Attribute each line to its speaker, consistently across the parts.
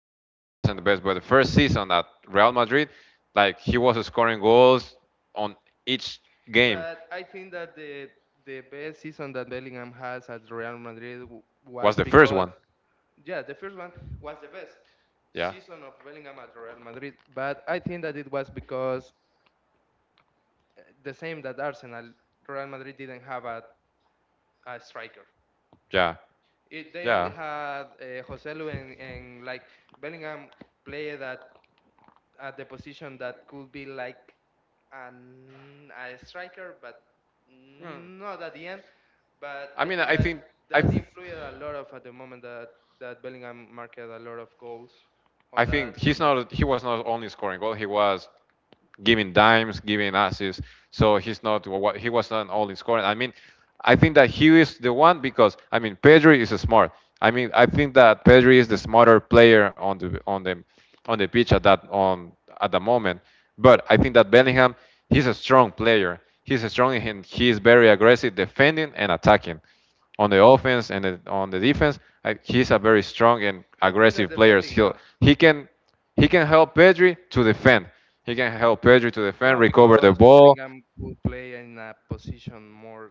Speaker 1: Last season wasn't the best, but the first season at Real Madrid, like he was scoring goals on each game.
Speaker 2: But I think that the best season that Bellingham has at Real Madrid
Speaker 1: Was
Speaker 2: was
Speaker 1: the first
Speaker 2: because,
Speaker 1: one.
Speaker 2: yeah, the first one was the best
Speaker 1: Yeah.
Speaker 2: season of Bellingham at Real Madrid. But I think that it was because the same that Arsenal, Real Madrid didn't have a striker.
Speaker 1: Yeah.
Speaker 2: They only
Speaker 1: Yeah.
Speaker 2: had Joselu, and like Bellingham played at the position that could be like a striker, but
Speaker 1: Hmm.
Speaker 2: not at the end. But
Speaker 1: I
Speaker 2: I
Speaker 1: mean,
Speaker 2: think
Speaker 1: I
Speaker 2: that
Speaker 1: think I,
Speaker 2: that
Speaker 1: th-
Speaker 2: influenced a lot of at the moment that Bellingham marked a lot of goals on
Speaker 1: I
Speaker 2: that
Speaker 1: think
Speaker 2: on
Speaker 1: he's
Speaker 2: that
Speaker 1: not. He
Speaker 2: position.
Speaker 1: was not only scoring goal. He was giving dimes, giving assists. So he was not all in scoring. I mean, I think that he is the one because, I mean, Pedri is smart. I mean, I think that Pedri is the smarter player on the pitch at that on at the moment. But I think that Bellingham, he's a strong player. He's a strong and he is very aggressive, defending and attacking, on the offense and on the defense. He's a very strong and
Speaker 2: I think that
Speaker 1: aggressive player.
Speaker 2: defending not.
Speaker 1: He can he can help Pedri to defend. He can help Pedri to
Speaker 2: No,
Speaker 1: defend, recover the
Speaker 2: because
Speaker 1: ball
Speaker 2: Bellingham could play in a position more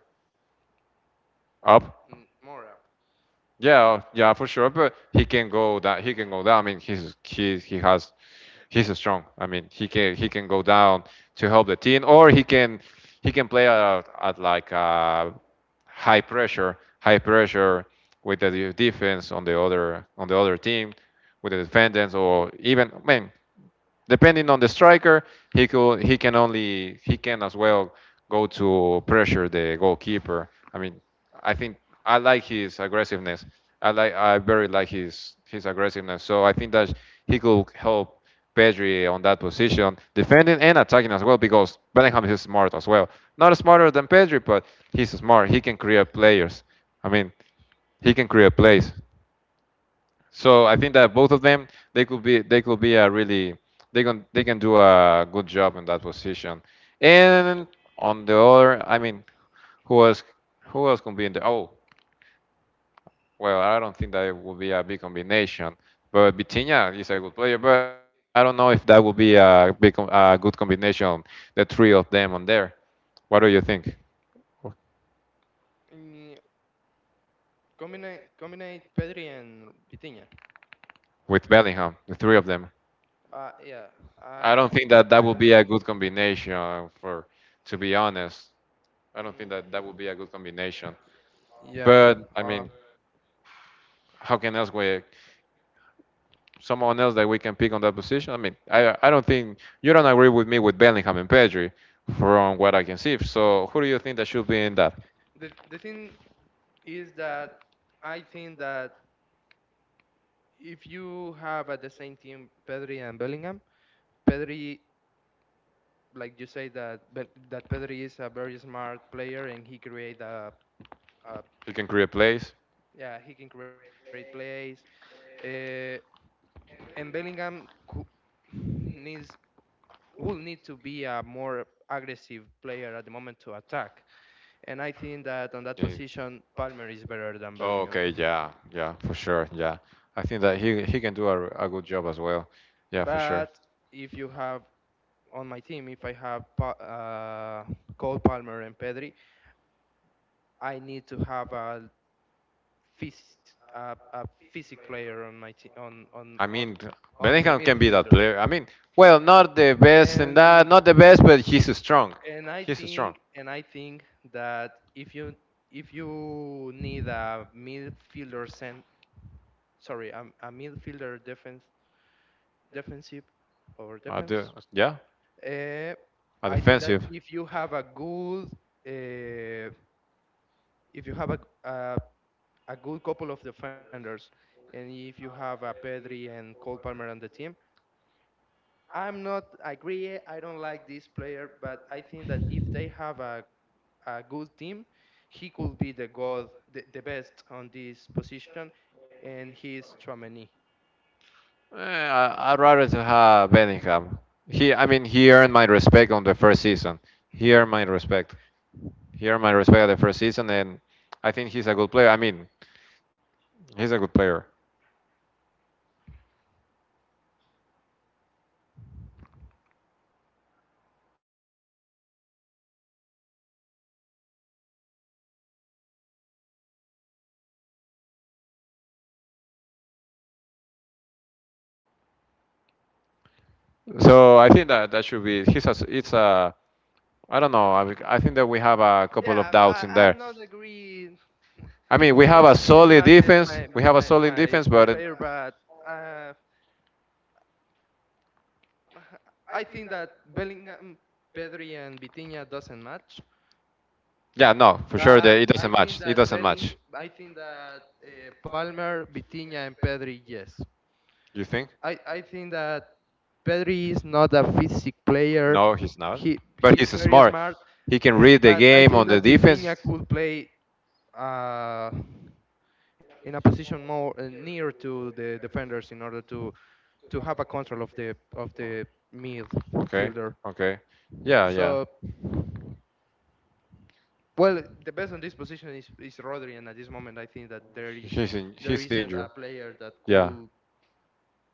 Speaker 1: up.
Speaker 2: more up.
Speaker 1: Yeah, yeah, for sure. But he can go down. He can go down. I mean, he's strong. I mean, he can go down to help the team, or he can play at like a high pressure with the defense on the other team, with the defendants, or even, I mean, depending on the striker, he could he can only he can as well go to pressure the goalkeeper. I mean, I think I like his aggressiveness. I very like his aggressiveness. So I think that he could help Pedri on that position, defending and attacking as well, because Bellingham is smart as well. Not smarter than Pedri, but he's smart. He can create players. I mean, he can create plays. So I think that both of them, they could be a really they can do a good job in that position. And on the other, I mean, who else who else can be in there? Oh, well, I don't think that it will be a big combination. But Vitinha is a good player, but I don't know if that will be a good combination, the three of them on there. What do you think
Speaker 2: Mm, combine Pedri and Vitinha.
Speaker 1: with Bellingham, the three of them?
Speaker 2: Yeah,
Speaker 1: I
Speaker 2: I
Speaker 1: don't think that that
Speaker 2: I
Speaker 1: will
Speaker 2: don't
Speaker 1: be a
Speaker 2: think.
Speaker 1: good combination to be
Speaker 2: Mm,
Speaker 1: honest. I don't think that that would be a good combination.
Speaker 2: yeah. Uh,
Speaker 1: But, I mean, how can else we someone else that we can pick on that position? I mean, I don't think you don't agree with me with Bellingham and Pedri, from what I can see. So who do you think that should be in that?
Speaker 2: the thing is that I think that if you have at the same team Pedri and Bellingham, Pedri, like you say that that Pedri is a very smart player and he create a
Speaker 1: You can create plays.
Speaker 2: yeah he can create plays, uh, and Bellingham needs will need to be a more aggressive player at the moment to attack, and I think that on that
Speaker 1: Yeah.
Speaker 2: position Palmer is better than Bellingham,
Speaker 1: Okay, yeah, yeah, for sure, yeah. I think that he can do a good job as well. Yeah, for sure.
Speaker 2: but if you have on my team, if I have Cole Palmer and Pedri, I need to have a physic player on my on, on
Speaker 1: I
Speaker 2: on
Speaker 1: mean,
Speaker 2: on the
Speaker 1: Bellingham can be that
Speaker 2: midfielder.
Speaker 1: player. I mean, well, not the best in that,
Speaker 2: And
Speaker 1: not the best, but he's strong.
Speaker 2: and I
Speaker 1: He's strong.
Speaker 2: think that if you need a midfielder cent sorry, a midfielder defense defensive or
Speaker 1: I do,
Speaker 2: defense,
Speaker 1: yeah,
Speaker 2: uh,
Speaker 1: a
Speaker 2: I think that
Speaker 1: defensive.
Speaker 2: if you have a good uh, if you have a a good couple of defenders, and if you have a Pedri and Cole Palmer on the team, I'm not, I agree. I don't like this player, but I think that if they have a good team, he could be the goal, the best on this position, and he's Chouameni.
Speaker 1: I'd rather to have Bellingham. I mean, he earned my respect on the first season. He earned my respect. He earned my respect on the first season, and I think he's a good player. I mean, he's a good player. So I think that that should be. He's a. It's a. I don't know. I think that we have a couple of
Speaker 2: Yeah,
Speaker 1: doubts in
Speaker 2: I'm
Speaker 1: there.
Speaker 2: not agree.
Speaker 1: I mean, we have
Speaker 2: He's
Speaker 1: a
Speaker 2: he's
Speaker 1: solid
Speaker 2: my
Speaker 1: defense.
Speaker 2: my
Speaker 1: We
Speaker 2: my
Speaker 1: have a solid
Speaker 2: my, my
Speaker 1: defense, but
Speaker 2: player, but uh, I think that Bellingham, Pedri, and Vitinha doesn't match.
Speaker 1: yeah, no, for sure,
Speaker 2: But
Speaker 1: it doesn't
Speaker 2: I think
Speaker 1: match. It
Speaker 2: that
Speaker 1: doesn't match.
Speaker 2: I think that Palmer, Vitinha, and Pedri, yes.
Speaker 1: You think?
Speaker 2: I think that Pedri is not a physic player.
Speaker 1: No, he's not.
Speaker 2: He
Speaker 1: But
Speaker 2: he
Speaker 1: he's
Speaker 2: is very
Speaker 1: smart.
Speaker 2: smart,
Speaker 1: He can read the
Speaker 2: but I
Speaker 1: game on
Speaker 2: think
Speaker 1: the
Speaker 2: that
Speaker 1: defense.
Speaker 2: Vitinha could play uh, in a position more near to the defenders in order to have a control of the
Speaker 1: Okay,
Speaker 2: midfielder.
Speaker 1: okay. Yeah, yeah.
Speaker 2: So. Well, the best on this position is Rodri, and at this moment, I think that there
Speaker 1: He's
Speaker 2: isn't
Speaker 1: injured.
Speaker 2: a player that
Speaker 1: Yeah,
Speaker 2: could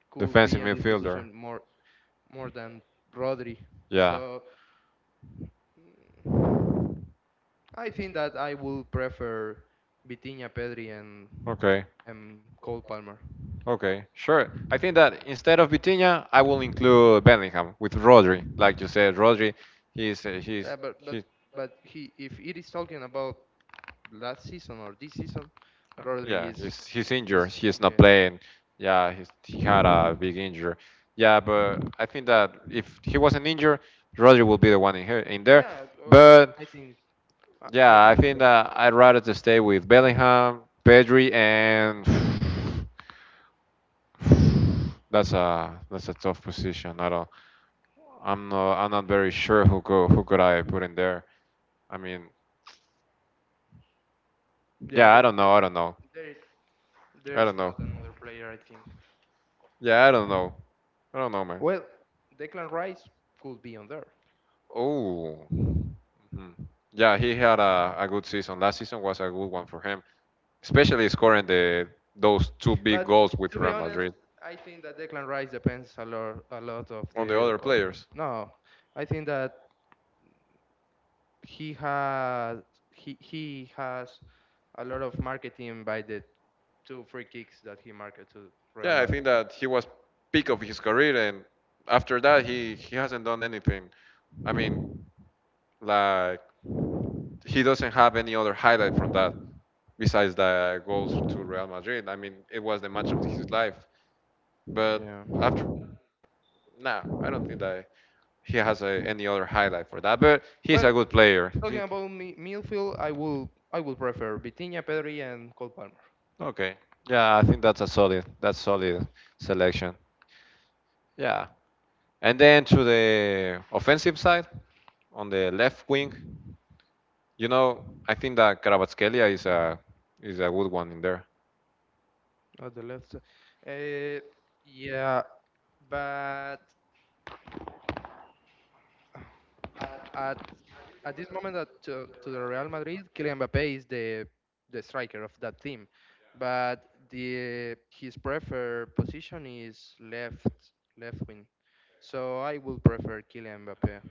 Speaker 2: could
Speaker 1: defensive
Speaker 2: be on this
Speaker 1: midfielder.
Speaker 2: position more than Rodri.
Speaker 1: Yeah.
Speaker 2: So mm, I think that I would prefer Vitinha, Pedri, and
Speaker 1: Okay.
Speaker 2: and Cole Palmer.
Speaker 1: Okay. Sure. I think that instead of Vitinha, I will include Bellingham with Rodri. Like you said, Rodri, he's uh,
Speaker 2: Yeah,
Speaker 1: he's
Speaker 2: but but
Speaker 1: he's
Speaker 2: but he if it is talking about last season or this season, Rodri
Speaker 1: yeah,
Speaker 2: is
Speaker 1: he's injured.
Speaker 2: is
Speaker 1: He's not
Speaker 2: yeah
Speaker 1: playing. Yeah, he had a big injury. Yeah, but I think that if he wasn't injured, Rodri will be the one in there.
Speaker 2: yeah also
Speaker 1: But
Speaker 2: I think I
Speaker 1: yeah, I
Speaker 2: think so.
Speaker 1: think that I'd rather to stay with Bellingham, Pedri, and that's a tough position. I don't. I'm not. I'm not very sure who could I put in there. I mean,
Speaker 2: Yeah,
Speaker 1: yeah, I don't know. I don't know.
Speaker 2: there there
Speaker 1: I don't
Speaker 2: is
Speaker 1: know.
Speaker 2: not another player. I think.
Speaker 1: Yeah, I don't know. I don't know, man.
Speaker 2: Well, Declan Rice could be on there,
Speaker 1: Oh. Mhm. Yeah, he had a good season. Last season was a good one for him, especially scoring the those two big
Speaker 2: but
Speaker 1: goals with
Speaker 2: to be
Speaker 1: Real
Speaker 2: honest,
Speaker 1: Madrid
Speaker 2: I think that Declan Rice depends a lot of
Speaker 1: on the
Speaker 2: the.
Speaker 1: other
Speaker 2: Of,
Speaker 1: players.
Speaker 2: no, I think that he has he has a lot of marketing by the two free kicks that he marked to Real
Speaker 1: Yeah, I think
Speaker 2: Madrid.
Speaker 1: that he was peak of his career, and after that, he hasn't done anything. I mean, like he doesn't have any other highlight from that besides the goals to Real Madrid. I mean, it was the match of his life. But
Speaker 2: Yeah.
Speaker 1: after, nah, I don't think that he has any other highlight for that. But he's a
Speaker 2: Well,
Speaker 1: good player.
Speaker 2: talking about midfield, I would prefer Vitinha, Pedri, and Cole Palmer.
Speaker 1: Okay. Yeah, I think that's solid selection. Yeah. And then to the offensive side, on the left wing, I think that Karabatskelia is a good one in there
Speaker 2: At the left side. Uh, yeah, but at at this moment, to the Real Madrid, Kylian Mbappe is the striker of that team, but the his preferred position is left wing. So I would prefer Kylian Mbappe.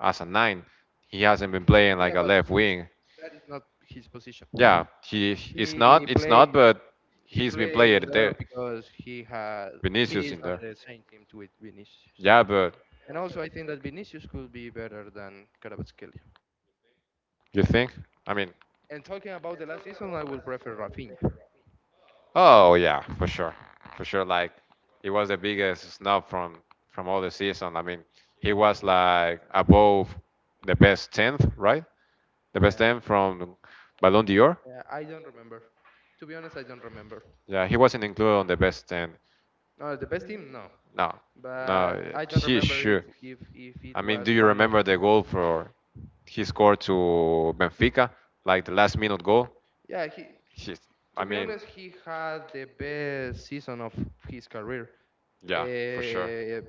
Speaker 1: as a nine. He hasn't been playing like
Speaker 2: Yeah,
Speaker 1: a
Speaker 2: but
Speaker 1: left
Speaker 2: he's
Speaker 1: wing.
Speaker 2: that is not his position.
Speaker 1: Yeah, he
Speaker 2: He
Speaker 1: it's
Speaker 2: play
Speaker 1: not, but
Speaker 2: he
Speaker 1: he's been
Speaker 2: play
Speaker 1: playing
Speaker 2: on there
Speaker 1: there.
Speaker 2: because he
Speaker 1: Vinicius
Speaker 2: is
Speaker 1: in
Speaker 2: on
Speaker 1: there.
Speaker 2: the same team with Vinicius.
Speaker 1: Yeah, but
Speaker 2: And also, I think that Vinicius could be better than Kvaratskhelia.
Speaker 1: you think? I
Speaker 2: Yeah.
Speaker 1: mean,
Speaker 2: And talking about the last season, I will prefer Rafinha.
Speaker 1: oh yeah, for sure, for sure. Like he was the biggest snub from all the season. I mean, he was like above the best 10th, right? The best
Speaker 2: Yeah.
Speaker 1: ten from Ballon d'Or.
Speaker 2: Yeah, I don't remember. To be honest, I don't remember.
Speaker 1: Yeah, he wasn't included on the best 10.
Speaker 2: No, the best team, no.
Speaker 1: No,
Speaker 2: But
Speaker 1: no,
Speaker 2: I don't
Speaker 1: he
Speaker 2: remember if
Speaker 1: should.
Speaker 2: if if
Speaker 1: I
Speaker 2: it
Speaker 1: mean, do
Speaker 2: was
Speaker 1: you
Speaker 2: one of.
Speaker 1: remember the goal for he scored to Benfica, like the last minute goal?
Speaker 2: Yeah, he.
Speaker 1: He's, I
Speaker 2: To be
Speaker 1: mean,
Speaker 2: honest, he had the best season of his career.
Speaker 1: yeah, for sure.
Speaker 2: Uh,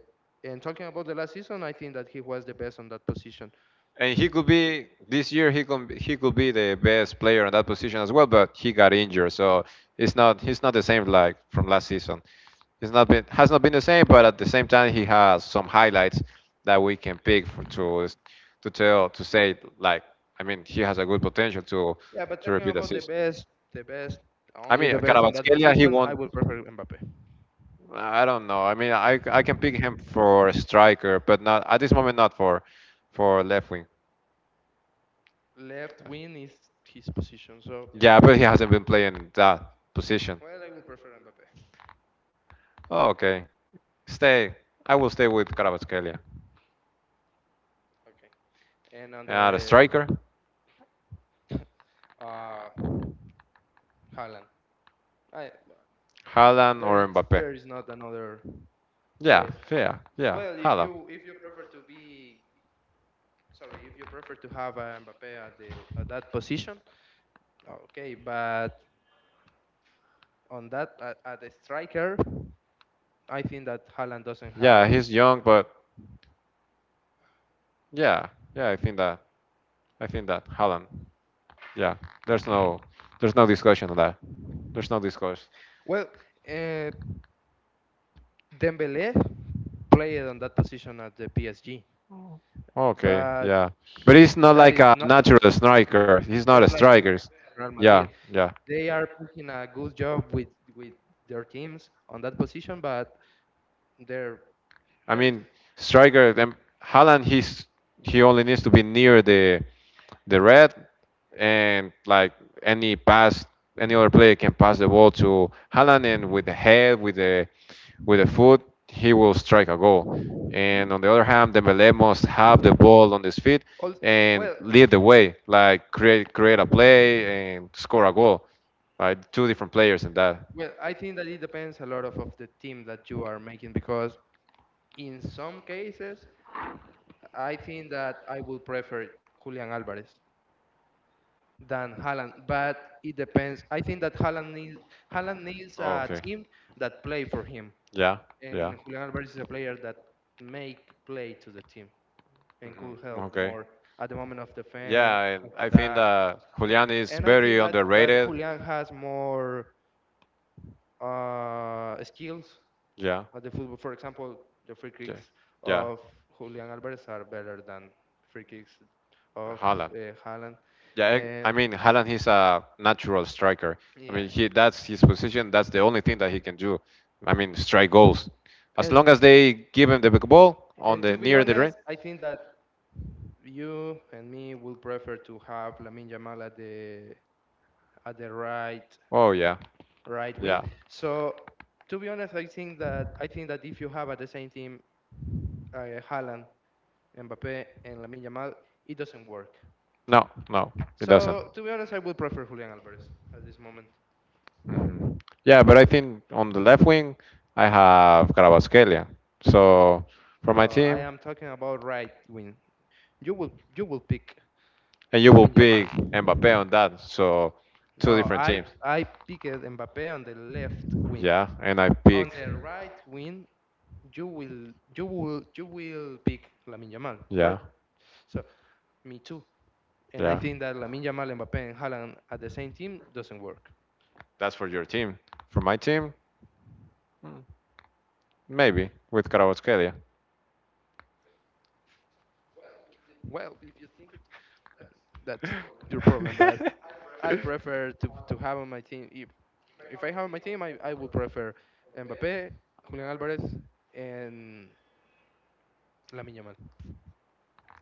Speaker 2: and talking about the last season, I think that he was the best on that position.
Speaker 1: And he could be this year. He could be the best player in that position as well, but he got injured, so it's not he's not the same like from last season. It's not been Has not been the same, but at the same time he has some highlights that we can pick for, to tell to say, like, I mean, he has a good potential to
Speaker 2: Yeah, but
Speaker 1: to
Speaker 2: talking
Speaker 1: repeat the
Speaker 2: about
Speaker 1: season.
Speaker 2: the best,
Speaker 1: I
Speaker 2: only
Speaker 1: mean,
Speaker 2: the best on that
Speaker 1: Kvaratskhelia, he
Speaker 2: position,
Speaker 1: won't.
Speaker 2: I would prefer Mbappe.
Speaker 1: I don't know. I mean, I can pick him for striker, but not at this moment, not for left wing.
Speaker 2: Left wing is his position. So yeah.
Speaker 1: Yeah, but he hasn't been playing that position.
Speaker 2: Well, I would prefer Mbappe.
Speaker 1: Oh, okay. Stay. I will stay with Carabaskelia.
Speaker 2: Okay. And on
Speaker 1: The
Speaker 2: the
Speaker 1: striker,
Speaker 2: uh, Haaland, I
Speaker 1: Haaland
Speaker 2: there
Speaker 1: or
Speaker 2: is
Speaker 1: Mbappe.
Speaker 2: there is not another
Speaker 1: Yeah,
Speaker 2: player.
Speaker 1: yeah, yeah.
Speaker 2: Well, if
Speaker 1: Haaland.
Speaker 2: you if you prefer to be sorry, if you prefer to have Mbappe at the at that position, okay. But on that at the striker, I think that Haaland doesn't
Speaker 1: Yeah,
Speaker 2: have
Speaker 1: he's young, but yeah, yeah. I think that. I think that Haaland. Yeah, there's no, there's no discussion on that. There's no discussion.
Speaker 2: well. Uh, Dembele played on that position at the PSG.
Speaker 1: Okay,
Speaker 2: But
Speaker 1: yeah. But
Speaker 2: he-
Speaker 1: he's not
Speaker 2: that
Speaker 1: like
Speaker 2: is
Speaker 1: a
Speaker 2: not
Speaker 1: natural striker. He's not a
Speaker 2: it's like
Speaker 1: striker.
Speaker 2: Real
Speaker 1: Yeah,
Speaker 2: Madrid.
Speaker 1: yeah.
Speaker 2: They are making a good job with their teams on that position, but they're
Speaker 1: I
Speaker 2: there's
Speaker 1: mean, striker, then Haaland, he only needs to be near the red, and like any pass, any other player can pass the ball to Haaland, and with the head, with the foot, he will strike a goal. And on the other hand, Dembele must have the ball on his feet
Speaker 2: all
Speaker 1: and
Speaker 2: well
Speaker 1: lead the way, like create a play and score a goal. Like two different players in that.
Speaker 2: well I think that it depends a lot of the team that you are making, because in some cases I think that I will prefer Julian Alvarez than Haaland, but it depends. I think that Haaland needs
Speaker 1: Oh,
Speaker 2: a
Speaker 1: okay.
Speaker 2: team that play for him,
Speaker 1: Yeah, yeah.
Speaker 2: and Julian Alvarez is a player that make play to the team. And could
Speaker 1: Hmm.
Speaker 2: help
Speaker 1: Okay.
Speaker 2: more at the moment of defense,
Speaker 1: Yeah, and
Speaker 2: of
Speaker 1: I think
Speaker 2: attack.
Speaker 1: that Julian is
Speaker 2: And I
Speaker 1: very
Speaker 2: think that
Speaker 1: underrated.
Speaker 2: Julian has more skills
Speaker 1: Yeah,
Speaker 2: at the football. For example, the free
Speaker 1: yeah,
Speaker 2: kicks
Speaker 1: yeah.
Speaker 2: of Julian Alvarez are better than free kicks of
Speaker 1: Haaland.
Speaker 2: Haaland.
Speaker 1: Yeah,
Speaker 2: Uh,
Speaker 1: I mean Haaland, he's a natural striker. I
Speaker 2: yeah.
Speaker 1: mean, he that's his position. That's the only thing that he can do. I mean, strike goals. As
Speaker 2: And
Speaker 1: long as they give him the big ball on
Speaker 2: and
Speaker 1: the
Speaker 2: to be
Speaker 1: near the ring.
Speaker 2: honest, I think that you and me will prefer to have Lamine Yamal at the right
Speaker 1: Oh, yeah. Right?
Speaker 2: right wing.
Speaker 1: Yeah.
Speaker 2: So to be honest, I think that if you have at the same team Haaland, Mbappe, and Lamine Yamal, it doesn't work.
Speaker 1: No, no, it doesn't.
Speaker 2: So to be honest, I would prefer Julian Alvarez at this moment.
Speaker 1: Mhm. Yeah, but I think on the left wing, I have Carabaskelia. So for my
Speaker 2: No, I
Speaker 1: team,
Speaker 2: am talking about right wing. You will pick
Speaker 1: and you will
Speaker 2: Lamine
Speaker 1: pick
Speaker 2: Yamal.
Speaker 1: Mbappe on that. So two
Speaker 2: No,
Speaker 1: different
Speaker 2: I
Speaker 1: teams.
Speaker 2: I picked Mbappe on the left wing.
Speaker 1: Yeah, and I pick.
Speaker 2: On the right wing, you will pick Lamine Yamal, right?
Speaker 1: Yeah,
Speaker 2: So me too. And I
Speaker 1: yeah.
Speaker 2: think that Lamine Yamal, Mbappe, and Haaland at the same team doesn't work.
Speaker 1: That's for your team. For my team, maybe with Karawatskelia.
Speaker 2: Well, if you think it, that's your problem. But I prefer to have on my team. If I have on my team, I would prefer Mbappe, Julian Alvarez, and Lamine Yamal.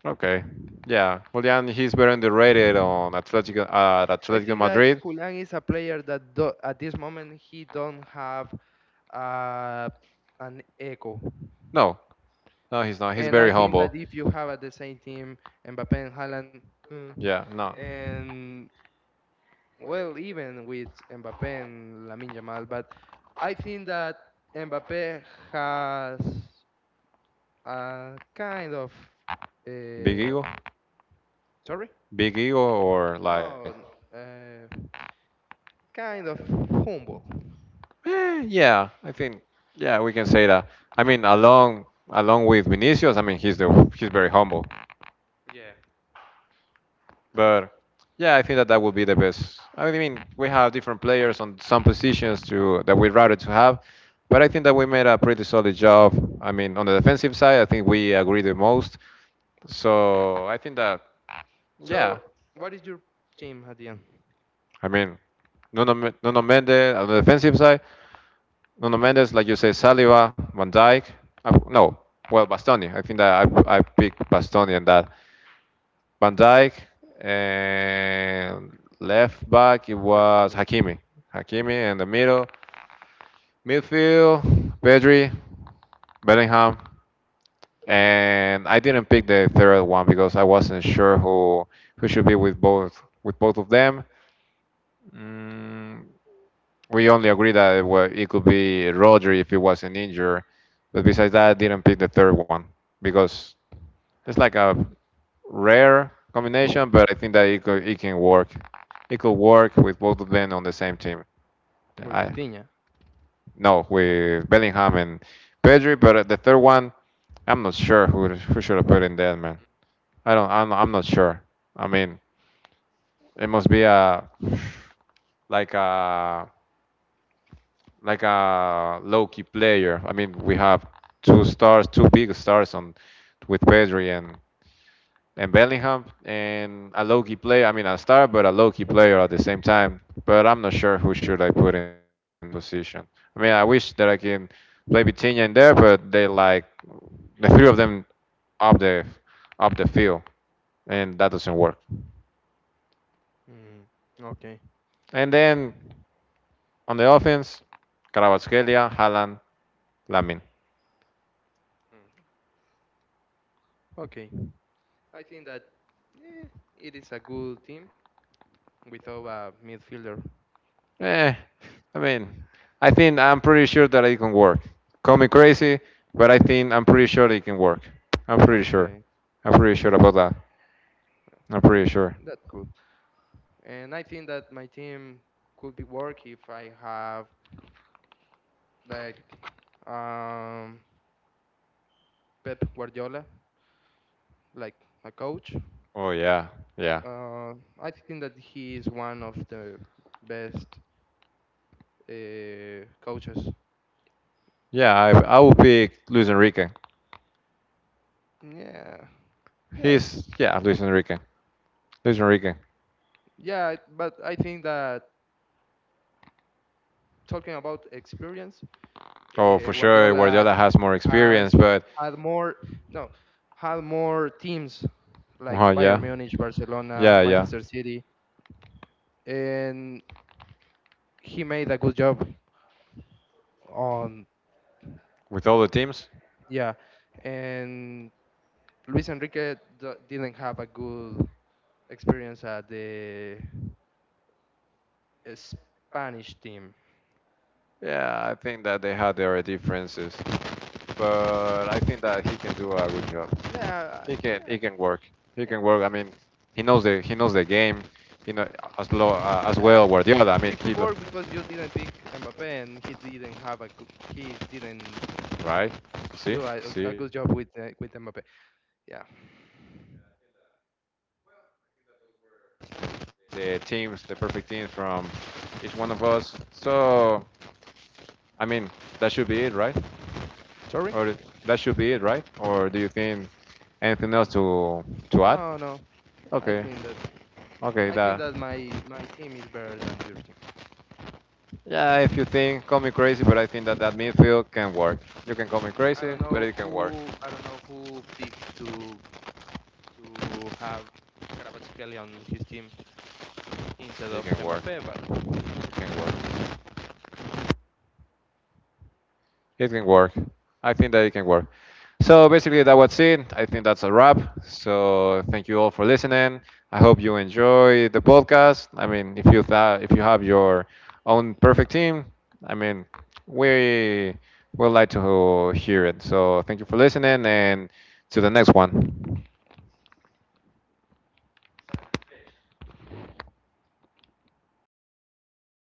Speaker 1: Okay. Yeah. Julian, he's very underrated on Atletico at
Speaker 2: I
Speaker 1: Atletico
Speaker 2: think that
Speaker 1: Madrid.
Speaker 2: Julian is a player that do, at this moment he don't have uh, an echo.
Speaker 1: No, no, he's not. He's
Speaker 2: And
Speaker 1: very
Speaker 2: I think
Speaker 1: humble.
Speaker 2: that if you have at the same team Mbappe and Haaland, mm,
Speaker 1: Yeah. No.
Speaker 2: and well, even with Mbappé and Lamine Yamal, but I think that Mbappé has a kind of
Speaker 1: Big
Speaker 2: uh,
Speaker 1: ego.
Speaker 2: Sorry?
Speaker 1: Big ego or like
Speaker 2: No, uh, kind of humble.
Speaker 1: Yeah, I think, yeah, we can say that. I mean, along with Vinicius, I mean, he's very humble,
Speaker 2: Yeah.
Speaker 1: but yeah, I think that that would be the best. I mean, we have different players on some positions to that we'd rather to have, but I think that we made a pretty solid job. I mean, on the defensive side, I think we agree the most. So I think that yeah,
Speaker 2: So, what is your team at the end?
Speaker 1: I mean, Nuno Mendes on the defensive side, Nuno Mendes, like you say, Saliba, Van Dijk. No, well, Bastoni. I think that I picked Bastoni and that. Van Dijk and left back, it was
Speaker 2: Hakimi.
Speaker 1: Hakimi. Hakimi in the middle, midfield, Pedri, Bellingham, and I didn't pick the third one because I wasn't sure who should be with both of them. Mm, we only agreed that it could be Roger if he wasn't injured. But besides that, I didn't pick the third one because it's like a rare combination, but I think that it can work. It could work with both of them on the same team.
Speaker 2: With
Speaker 1: I
Speaker 2: Vitinha.
Speaker 1: No, with Bellingham and Pedri, but the third one, I'm not sure who should have put in that, man. I don't. I'm not sure. I mean, it must be a like a like a low key player. I mean, we have two stars, two big stars on with Pedri and Bellingham, and a low key player. I mean, a star, but a low key player at the same time. But I'm not sure who should I put in there on that position. I mean, I wish that I can play Vitinha in there, but they like the three of them up the field, and that doesn't work.
Speaker 2: Mm, okay.
Speaker 1: And then on the offense, Kvaratskhelia, Haaland, Lamin.
Speaker 2: Mm. Okay. I think that eh, it is a good team without a midfielder.
Speaker 1: Eh, I mean, I think I'm pretty sure that it can work. Call me crazy, but I think I'm pretty sure it can work. I'm pretty sure.
Speaker 2: Okay.
Speaker 1: I'm pretty sure about that. I'm pretty
Speaker 2: Eh,
Speaker 1: sure.
Speaker 2: That's cool. And I think that my team could be work if I have like um, Pep Guardiola, like a coach.
Speaker 1: Oh yeah, yeah,
Speaker 2: Uh, I think that he is one of the best coaches.
Speaker 1: yeah. I would pick Luis Enrique.
Speaker 2: Yeah. Yes.
Speaker 1: He's Yeah, Luis Enrique. Luis Enrique.
Speaker 2: Yeah. But I think that talking about experience,
Speaker 1: Oh, for sure,
Speaker 2: Guardiola
Speaker 1: Guardiola has more experience,
Speaker 2: has
Speaker 1: but
Speaker 2: had more. No, had more teams like
Speaker 1: yeah,
Speaker 2: Bayern Munich, Barcelona,
Speaker 1: yeah, yeah.
Speaker 2: Manchester City, and he made a good job on,
Speaker 1: With all the teams.
Speaker 2: yeah, and Luis Enrique didn't have a good experience at the Spanish team.
Speaker 1: Yeah, I think that they had their differences, but I think that he can do a good job.
Speaker 2: Yeah, yeah,
Speaker 1: He can work. He
Speaker 2: yeah,
Speaker 1: can work. I mean, he knows the game. You know, as
Speaker 2: yeah,
Speaker 1: well Guardiola. I
Speaker 2: it
Speaker 1: mean,
Speaker 2: could work because you didn't pick Mbappe and he didn't have a good, he didn't
Speaker 1: right? See,
Speaker 2: do a, a
Speaker 1: see
Speaker 2: a good job with Mbappe. Yeah.
Speaker 1: the teams, the perfect teams from each one of us. So I mean, that should be it, right?
Speaker 2: Sorry.
Speaker 1: Or that should be it, right? Or do you think anything else to add?
Speaker 2: No, no, i
Speaker 1: Okay,
Speaker 2: think that
Speaker 1: okay,
Speaker 2: I think
Speaker 1: that
Speaker 2: that my team is better than your team.
Speaker 1: yeah, if you think, call me crazy, but I think that that midfield can work. You can call me crazy, but it can work.
Speaker 2: I don't know who picked to have Kvaratskhelia on his team instead
Speaker 1: It
Speaker 2: of
Speaker 1: can work.
Speaker 2: Mbappe, but
Speaker 1: It can work. It can work. I think that it can work. So basically, that was it. I think that's a wrap. So thank you all for listening. I hope you enjoy the podcast. I mean, if you have your own perfect team, I mean, we would like to hear it. So thank you for listening, and to the next one.